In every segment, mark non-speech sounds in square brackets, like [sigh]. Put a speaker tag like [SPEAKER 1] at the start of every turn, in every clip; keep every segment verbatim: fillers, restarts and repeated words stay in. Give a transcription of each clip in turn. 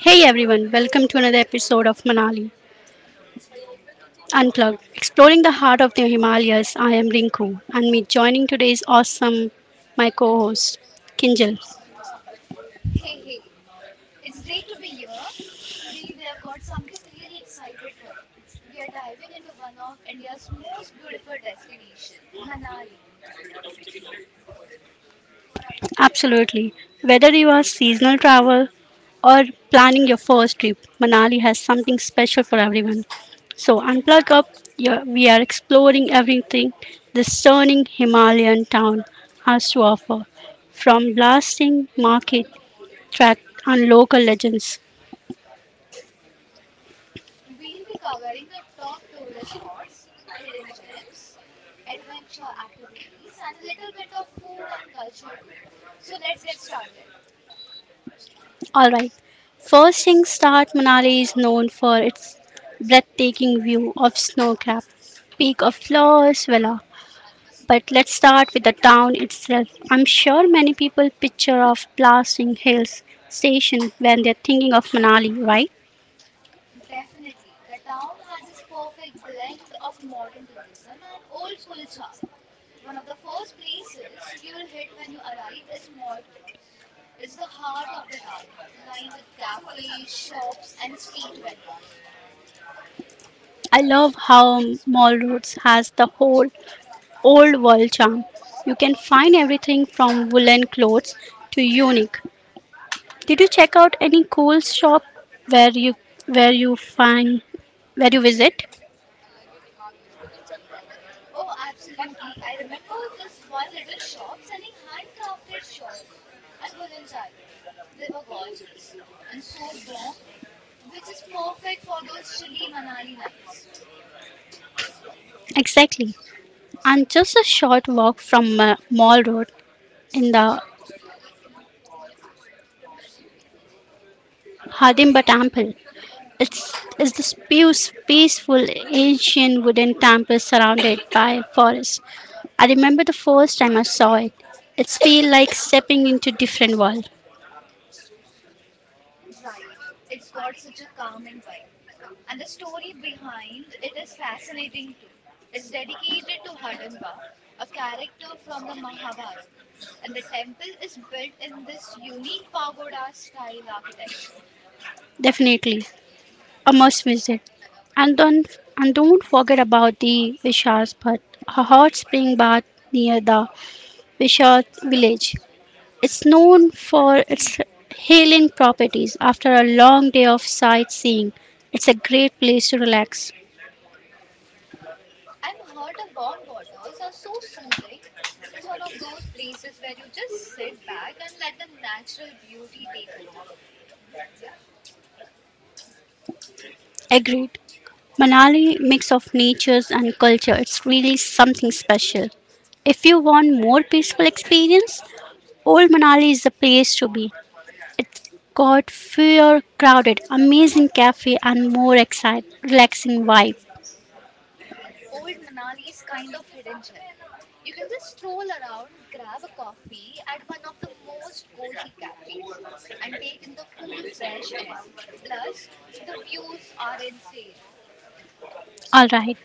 [SPEAKER 1] Hey everyone, welcome to another episode of Manali Unplugged, exploring the heart of the Himalayas. I am Rinku, and me joining today is awesome my co-host Kinjal.
[SPEAKER 2] Hey, hey, it's great to be here. Today we have got something really excited for you. We are diving into one of India's most beautiful destination, Manali.
[SPEAKER 1] Absolutely, whether you are seasonal travel or planning your first trip, Manali has something special for everyone. So unplug up. Your, we are exploring everything this stunning Himalayan town has to offer, from blasting market track and local legends.
[SPEAKER 2] We'll be covering the top tourist spots, hidden gems, adventure activities, and a little bit of food and culture too. So let's get started.
[SPEAKER 1] All right. First thing start, Manali is known for its breathtaking view of Snowcap Peak of Flores Villa. But let's start with the town itself. I'm sure many people picture of blasting hills station when they're thinking of Manali, right?
[SPEAKER 2] Definitely, the town has this perfect blend of modern tourism and old school charm. One of the first places you'll hit when you arrive is Mall Road. It's the heart of the town, lined with cafes, shops, and street vendors.
[SPEAKER 1] I love how Mall Roads has the whole old world charm. You can find everything from woolen clothes to unique. Did you check out any cool shop where you where you find where you visit?
[SPEAKER 2] Oh, absolutely. I remember this one little shop selling handcrafted shawls and woolen jackets. They were gorgeous and so warm, which is perfect for those chilly Manali nights.
[SPEAKER 1] Exactly. And just a short walk from uh, Mall Road in the Hardimba Temple. It's, it's this peace, peaceful ancient wooden temple surrounded by forest. I remember the first time I saw it. It's feel like stepping into different world.
[SPEAKER 2] Right. It's got such a calming vibe. And the story behind it is fascinating too. It's dedicated to Hardimba, a character from the Mahabharata, and the temple is built in this unique pagoda style architecture.
[SPEAKER 1] Definitely. A must visit. And don't and don't forget about the Vishas Bhat, a hot spring bath near the Vishas village. It's known for its healing properties. After a long day of sightseeing, it's a great place to relax.
[SPEAKER 2] I've heard the warm waters are so soothing. It's one of those places where you just sit back and let the natural beauty take over.
[SPEAKER 1] Agreed. Manali mix of natures and culture. It's really something special. If you want more peaceful experience, Old Manali is the place to be. It's got fewer crowded, amazing cafe, and more excite, relaxing vibe.
[SPEAKER 2] Old Manali's kind of hidden gem. You can just stroll around, grab a coffee at one of the most cozy cafes, and take in the cool, fresh air. Plus, the views are insane.
[SPEAKER 1] All right,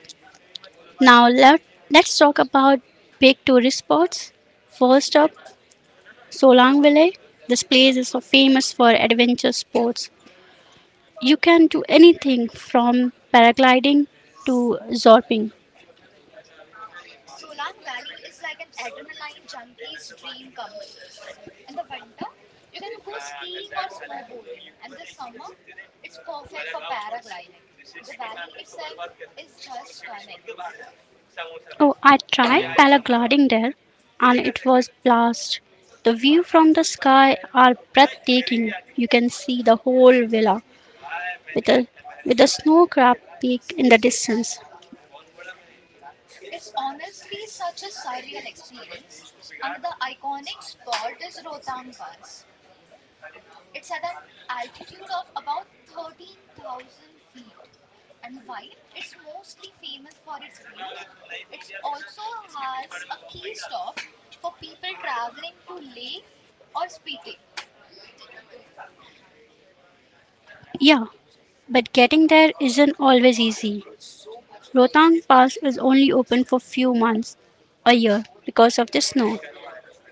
[SPEAKER 1] now let, let's talk about big tourist spots. First up, Solang Valley. This place is so famous for adventure sports. You can do anything from paragliding to zorping.
[SPEAKER 2] Solang Valley is like an adrenaline junkie's dream come true. In the winter, you can go skiing or snowboarding, and this summer, it's perfect for paragliding. The valley itself is just stunning.
[SPEAKER 1] Oh, I tried paragliding there and it was blast. The view from the sky are breathtaking. You can see the whole villa with a with a snow crab peak in the distance.
[SPEAKER 2] It's honestly such a surreal experience. Another iconic spot is Rotang Pass. It's at an altitude of about thirteen thousand feet. And while it's mostly famous for its views, it also has a key stop for people traveling to Leh or Spiti.
[SPEAKER 1] Yeah, but getting there isn't always easy. Rohtang Pass is only open for few months a year because of the snow.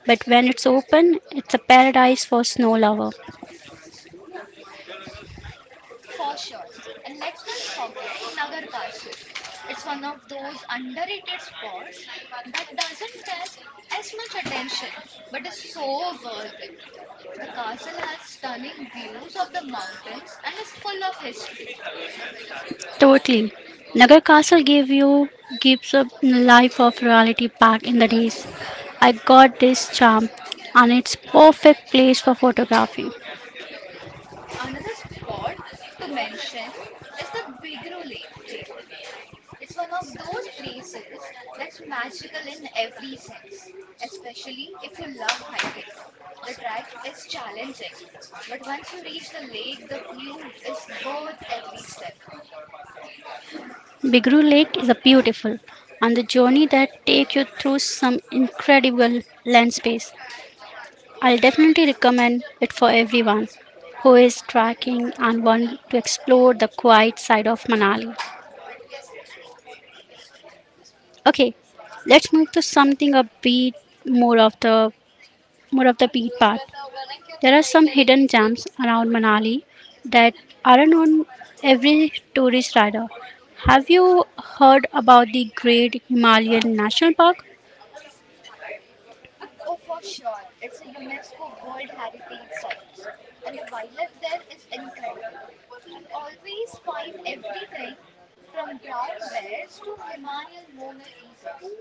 [SPEAKER 1] But when it's open, it's a paradise for snow lover.
[SPEAKER 2] For sure. And let's not forget Nagar Castle. It's one of those underrated spots that doesn't get as much attention, but is so worth it. The castle has stunning views of the mountains and is full of history.
[SPEAKER 1] Totally. Nagar Castle gave you gives a life of reality back in the days. I got this charm and it's perfect place for photography.
[SPEAKER 2] Another spot to mention is the Bigru Lake Trek. It's one of those places that's magical in every sense, especially if you love hiking. The track is challenging, but once you reach the lake, the view is worth every step.
[SPEAKER 1] Bigroo Lake is a beautiful on the journey that take you through some incredible landscapes. I'll definitely recommend it for everyone who is trekking and want to explore the quiet side of Manali. Okay, let's move to something a bit more of the more of the beat part. There are some hidden gems around Manali that aren't on every tourist radar. Have you heard about the Great Himalayan National Park?
[SPEAKER 2] Oh, for sure, it's a UNESCO World Heritage Site, and the wildlife there is incredible. You'll always find everything from brown bears to Himalayan monal pheasants.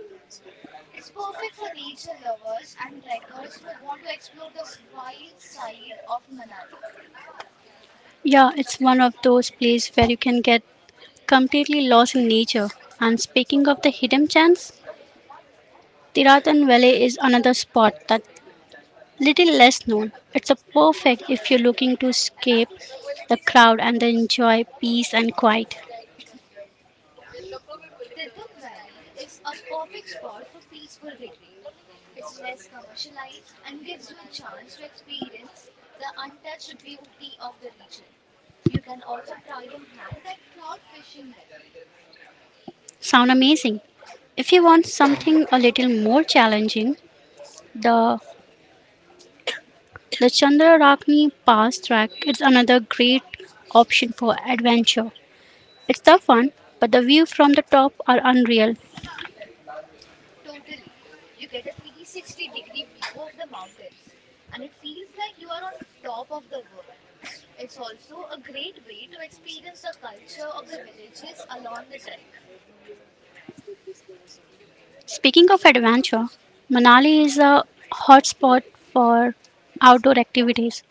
[SPEAKER 2] It's perfect for nature lovers and trekkers who want to explore the wild side of Manali.
[SPEAKER 1] Yeah, it's one of those places where you can get completely lost in nature. And speaking of the hidden gems, Tiratan Valley is another spot that little less known. It's a perfect if you're looking to escape the crowd and enjoy peace and quiet.
[SPEAKER 2] Tirthan Valley is a perfect spot for peaceful retreat. It's less commercialized and gives you a chance to experience the untouched beauty of the region. You can also try your hand at trout fishing there.
[SPEAKER 1] Sound amazing. If you want something a little more challenging, the the Chandrarakni Pass track is another great option for adventure. It's tough one, but the view from the top are unreal.
[SPEAKER 2] Totally. You get a three sixty degree view of the mountains and it feels like you are on top of the world. It's also a great way to experience the culture of the villages along the trek.
[SPEAKER 1] Speaking of adventure, Manali is a hotspot for outdoor activities.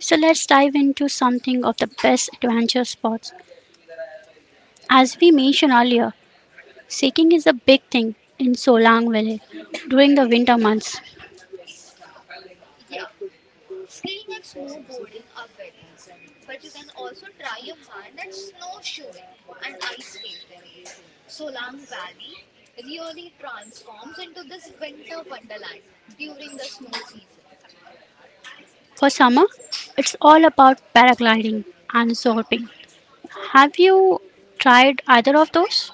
[SPEAKER 1] So let's dive into something of the best adventure spots. As we mentioned earlier, hiking is a big thing in Solang Valley during the winter months.
[SPEAKER 2] Yeah, skiing and snowboarding are big, but you can also try your hand at snowshoeing and ice skating. Solang Valley really transforms into this winter wonderland during the snow season.
[SPEAKER 1] For summer, it's all about paragliding and zorping. Have you tried either of those?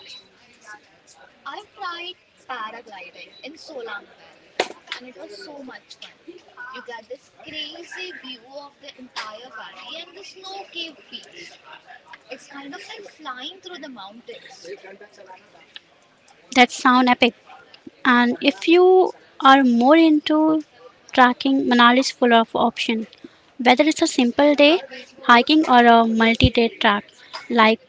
[SPEAKER 2] I've tried paragliding in Solang Valley and it was so much fun. You get this crazy view of the entire valley and the snow capped peaks. It's kind of like flying through the mountains.
[SPEAKER 1] That sound epic. And if you are more into tracking, Manali is full of options. Whether it's a simple day hiking or a multi-day track like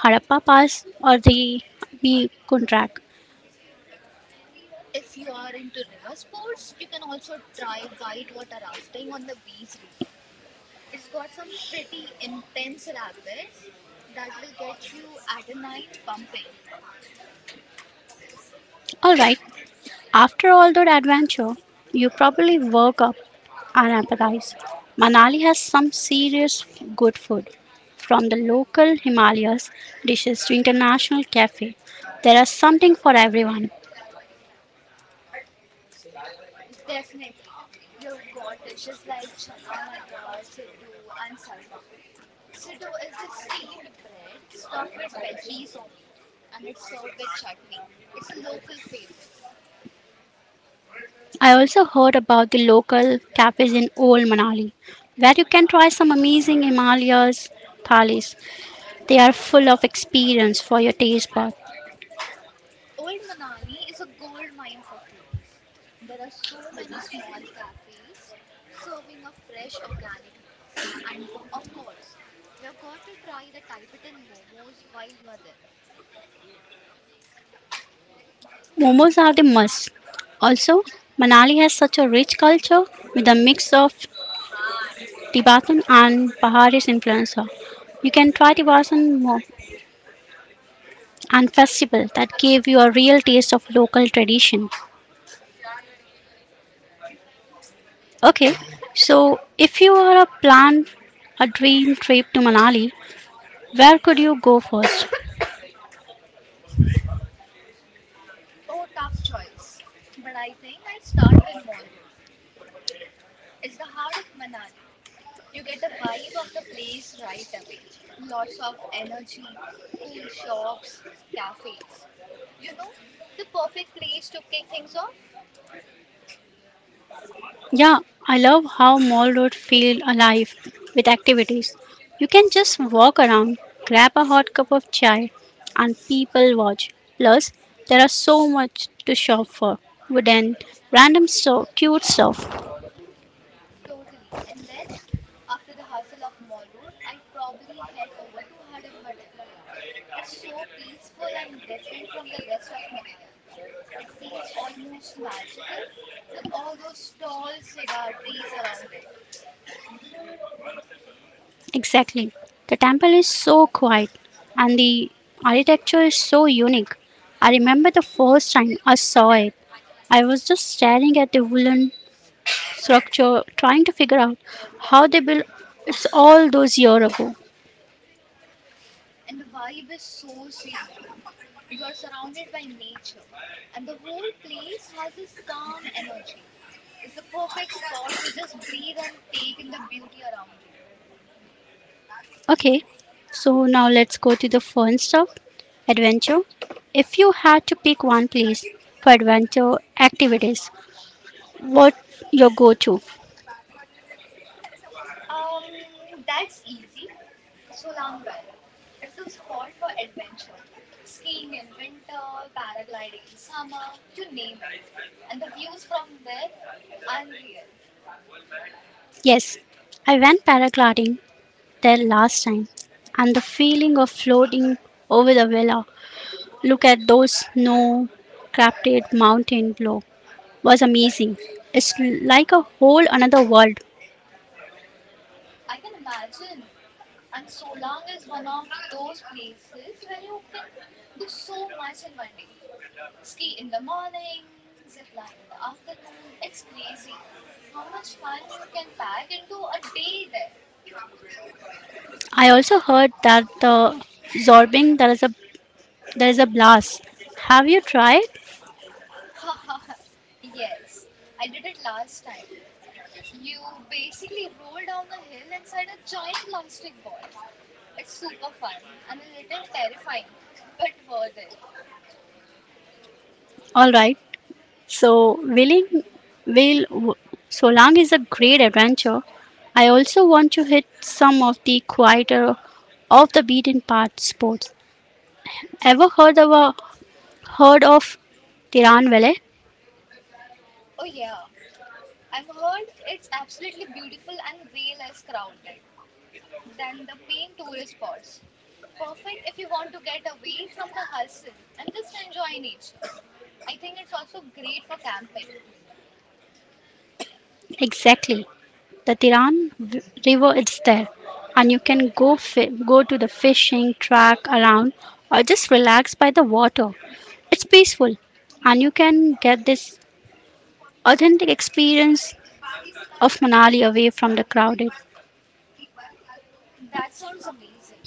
[SPEAKER 1] Harappa Pass or the B Track.
[SPEAKER 2] If you are into river sports, you can also try whitewater rafting on the Bees River. It's got some pretty intense rapids that will get you adrenaline pumping.
[SPEAKER 1] All right. After all that adventure, you probably woke up and empathize. Manali has some serious good food. From the local Himalayas dishes to international cafe, there is something for everyone.
[SPEAKER 2] Definitely. You've got dishes like chana matra, siddu, and sarma. Siddu is this steamed bread stuffed with veggies or meat, and it's served with chutney. It's a local favorite.
[SPEAKER 1] I also heard about the local cafes in Old Manali, where you can try some amazing Himalayas thalis. They are full of experience for your taste bud.
[SPEAKER 2] Old Manali is a gold mine for foodies. There are so many small cafes serving up fresh organic meals. And for, of course, we have got to try the Tibetan momos while you are there.
[SPEAKER 1] Momos are the must. Also, Manali has such a rich culture with a mix of Tibetan and Bahari's influence. You can try Tibetan more and festival that gave you a real taste of local tradition. Okay, so if you are a plan a dream trip to Manali, where could you go first?
[SPEAKER 2] Oh, tough choice. But I think I'd start with Mall Road. It's the heart of Manali. You get the vibe of the place right away. Lots of energy, cool shops, cafes. You know, the perfect place to kick things off?
[SPEAKER 1] Yeah, I love how Mall Road feel alive with activities. You can just walk around, grab a hot cup of chai, and people watch. Plus, there are so much to shop for. Wooden, random so cute stuff.
[SPEAKER 2] Totally. And then after the hustle of Mall Road, I'd probably head over to Hardimba Temple. It's so peaceful and different from the rest of Manali. It feels almost magical with all those tall cedar trees around it.
[SPEAKER 1] Exactly. The temple is so quiet, and the architecture is so unique. I remember the first time I saw it. I was just staring at the wooden structure, trying to figure out how they built it's all those year ago.
[SPEAKER 2] And the vibe is so serene. You are surrounded by nature, and the whole place has this calm energy. It's the perfect spot to just breathe and take in the beauty around you.
[SPEAKER 1] Okay, so now let's go to the fun stuff adventure. If you had to pick one place for adventure activities, what your go to?
[SPEAKER 2] Um, that's easy. Solang Valley. It's the spot for adventure. Skiing in winter, paragliding in summer, you name it. And the views from there, unreal.
[SPEAKER 1] Yes, I went paragliding there last time, and the feeling of floating over the villa, look at those snow crafted mountain below, was amazing. It's like a whole another world.
[SPEAKER 2] I can imagine. And Solang is one of those places where you can do so much in one day. Ski in the morning, zip line in the afternoon. It's crazy how much fun you can pack into a day there.
[SPEAKER 1] I also heard that the Zorbing there is a there is a blast. Have you tried?
[SPEAKER 2] [laughs] Haha, yes, I did it last time. You basically roll down a hill inside a giant plastic ball. It's super fun and a little terrifying, [laughs] but worth it.
[SPEAKER 1] All right. So willing will Solang is a great adventure. I also want to hit some of the quieter, off the beaten path sports. Ever heard of a, heard of Tiran Valley?
[SPEAKER 2] Oh, yeah, I've heard it's absolutely beautiful and way less crowded than the main tourist spots. Perfect if you want to get away from the hustle and just enjoy nature. I think it's also great for camping.
[SPEAKER 1] Exactly. The Tiran v- River is there, and you can go fi- go to the fishing track around or just relax by the water. It's peaceful, and you can get this authentic experience of Manali away from the crowded.
[SPEAKER 2] That sounds amazing.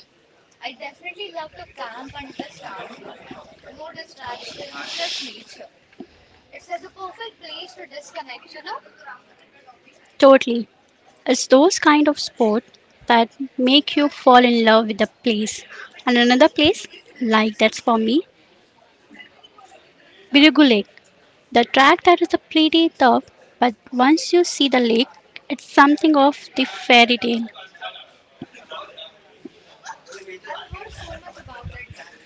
[SPEAKER 2] I definitely love to camp under the stars there. No distractions, just nature. It's like the perfect place to disconnect, you know?
[SPEAKER 1] Totally. It's those kind of sport that make you fall in love with the place. And another place like that's for me Birugu Lake. The track that is a pretty tough, but once you see the lake, it's something of the fairy tale.
[SPEAKER 2] I've heard so much about that track.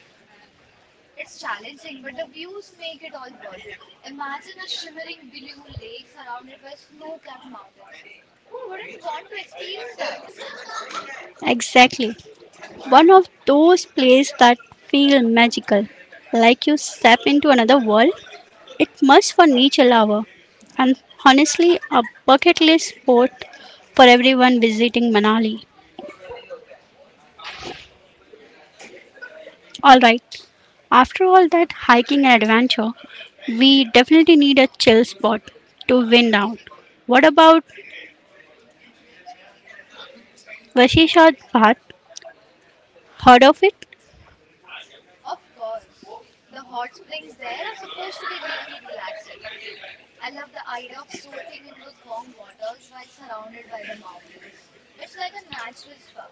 [SPEAKER 2] It's challenging, but the views make it all worth it. Imagine a shimmering blue lake surrounded by snow capped mountains. Who wouldn't want to experience that?
[SPEAKER 1] Exactly. One of those places that feel magical, like you step into another world. It must for nature lover, and honestly, a bucket list spot for everyone visiting Manali. All right. After all that hiking and adventure, we definitely need a chill spot to wind down. What about Vashishad Bhat, heard of it?
[SPEAKER 2] Of course. The hot springs there are supposed to be really relaxing. I love the idea of soaking in those warm waters while surrounded by the mountains. It's like a natural spa.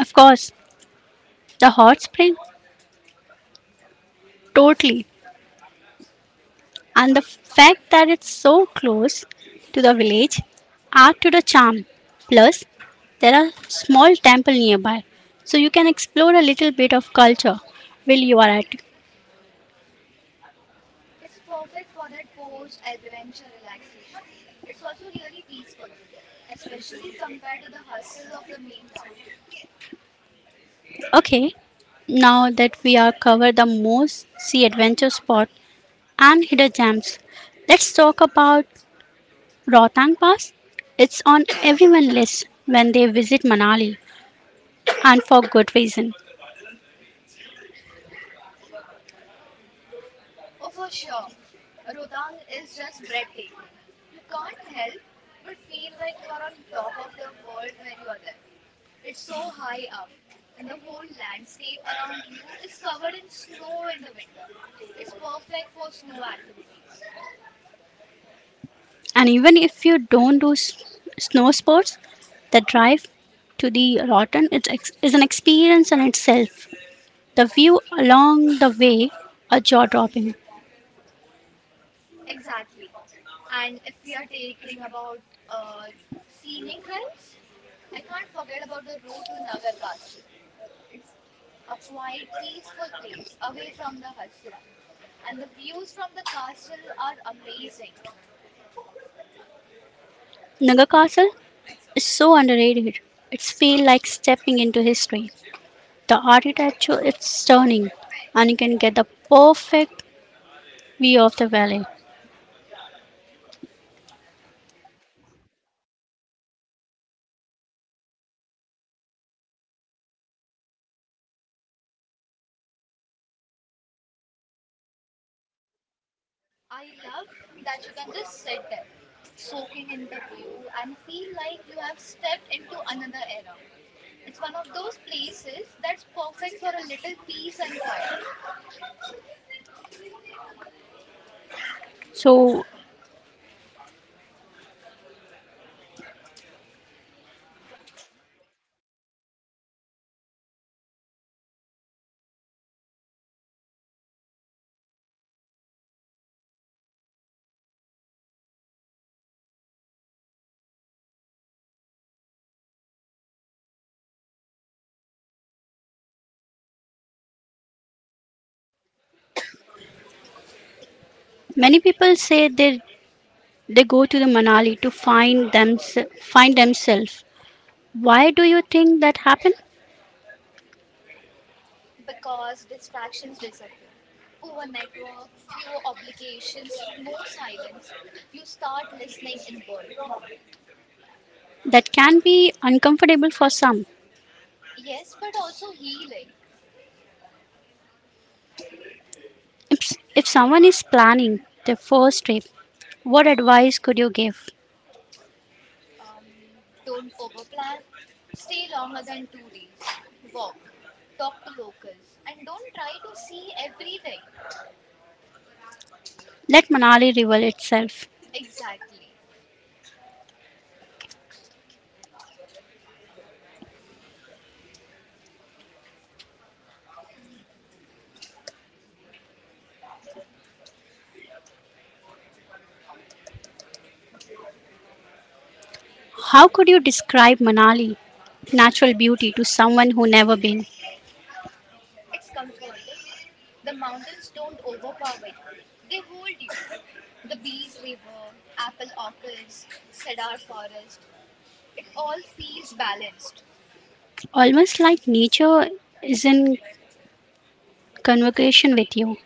[SPEAKER 1] Of course, the hot spring, totally. And the fact that it's so close to the village add to the charm. Plus, there are small temple nearby, so you can explore a little bit of culture while you are at it.
[SPEAKER 2] It's perfect for that post adventure relaxation. It's also really peaceful, especially compared to the hustle of the main town.
[SPEAKER 1] Okay, now that we are covered the most sea adventure spot and hidden gems, let's talk about Rohtang Pass. It's on everyone's list when they visit Manali, and for good reason.
[SPEAKER 2] Oh, for sure, Rotang is just breathtaking. You can't help but feel like you are on top of the world when you are there. It's so high up, and the whole landscape around you is covered in snow in the winter. It's perfect for snow activities.
[SPEAKER 1] And even if you don't do s- snow sports, the drive to the Rotten is, ex- is an experience in itself. The view along the way are jaw dropping.
[SPEAKER 2] Exactly. And if we are taking about uh, scenic drives, I can't forget about the road to Nagar Castle. It's a quiet, peaceful place away from the hustle, and the views from the castle are amazing.
[SPEAKER 1] Naga Castle is so underrated. It's feel like stepping into history. The architecture is stunning, and you can get the perfect view of the valley.
[SPEAKER 2] I love that you can just sit there, soaking in the view, and feel like you have stepped into another era. It's one of those places that's perfect for a little peace and quiet
[SPEAKER 1] So many people say they they go to the Manali to find them find themselves. Why do you think that happened?
[SPEAKER 2] because distractions disappear. Poor network, fewer obligations, more silence. You start listening inward.
[SPEAKER 1] That can be uncomfortable for some.
[SPEAKER 2] Yes, but also healing.
[SPEAKER 1] If, if someone is planning their first trip, what advice could you give?
[SPEAKER 2] Um, don't overplan. Stay longer than two days. Walk. Talk to locals. And don't try to see everything.
[SPEAKER 1] Let Manali reveal itself.
[SPEAKER 2] Exactly.
[SPEAKER 1] How could you describe Manali, natural beauty, to someone who never been?
[SPEAKER 2] It's comforting. The mountains don't overpower you, they hold you. The Bees River, apple orchards, cedar forest, it all feels balanced.
[SPEAKER 1] Almost like nature is in convocation with you.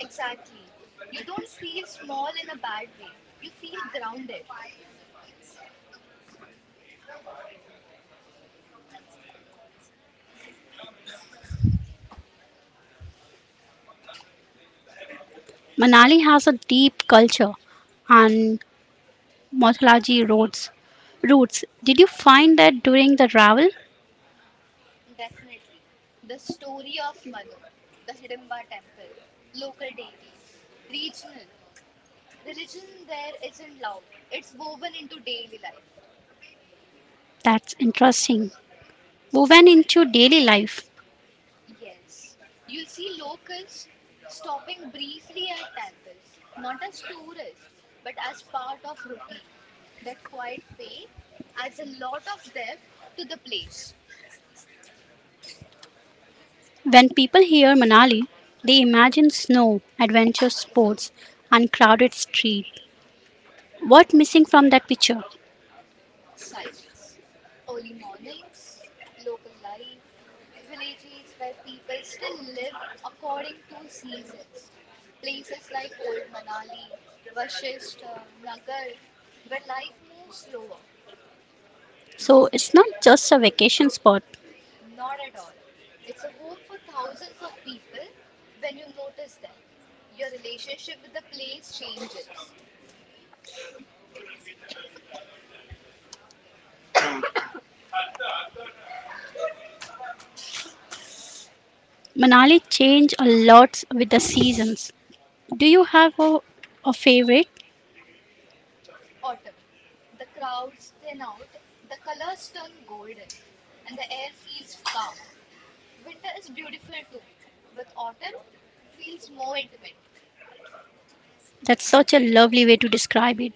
[SPEAKER 2] Exactly. You don't feel small in a bad way, you feel grounded.
[SPEAKER 1] Manali has a deep culture and mythology roads roots. Did you find that during the travel?
[SPEAKER 2] Definitely. The story of Manu, the Hidimba temple, local deities, regional religion there isn't loud, it's woven into daily life.
[SPEAKER 1] That's interesting. Woven into daily life.
[SPEAKER 2] Yes, you'll see locals stopping briefly at temples, not as tourists, but as part of routine. That quiet faith adds a lot of depth to the place.
[SPEAKER 1] When people hear Manali, they imagine snow, adventure sports, uncrowded street. What missing from that picture?
[SPEAKER 2] Silence. Early mornings, local life, villages where people still live according to seasons. Places like Old Manali, Vashishta, Nagar, where life moves slower.
[SPEAKER 1] So it's not just a vacation spot.
[SPEAKER 2] Not at all. It's a home for thousands of people when you notice that. Your relationship with the place changes.
[SPEAKER 1] Manali change a lot with the seasons. Do you have a, a favorite?
[SPEAKER 2] Autumn. The crowds thin out, the colors turn golden, and the air feels calm. Winter is beautiful too, but autumn feels more intimate
[SPEAKER 1] That's such a lovely way to describe it.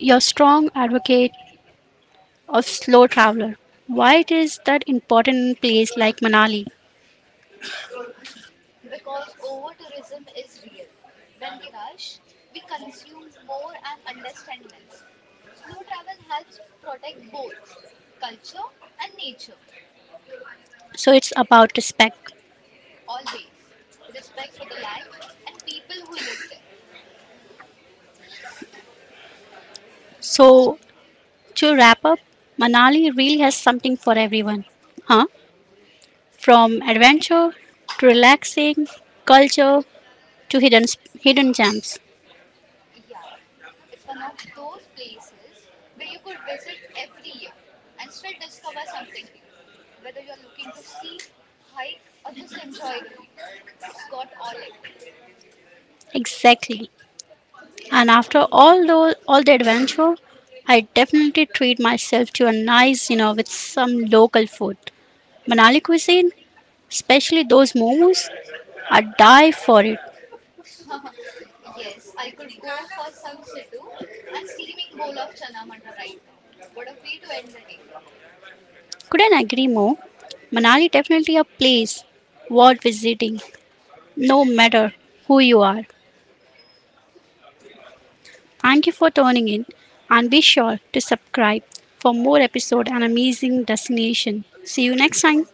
[SPEAKER 1] You're strong advocate of slow traveler. Why it is that important in place like Manali?
[SPEAKER 2] because over tourism is real. When we rush, we consume more and understand less. Slow travel helps protect both culture and nature,
[SPEAKER 1] So it's about respect.
[SPEAKER 2] always. Respect for the land and people who live there.
[SPEAKER 1] So to wrap up, Manali really has something for everyone, huh? From adventure to relaxing, culture to hidden hidden gems.
[SPEAKER 2] Yeah, it's one of those places where you could visit every year and still discover something new. Whether you're looking to ski, hike, or just enjoy the views, it's got all it.
[SPEAKER 1] Exactly. And after all those all the adventure, I definitely treat myself to a nice dinner with some local food. Manali cuisine, especially those momos, I die for it.
[SPEAKER 2] [laughs] Yes, I could go for some siddu and steaming bowl of chana madra right now. What a way to end the day.
[SPEAKER 1] Couldn't agree more. Manali definitely a place worth visiting, no matter who you are. Thank you for tuning in and be sure to subscribe for more episode and amazing destination. See you next time.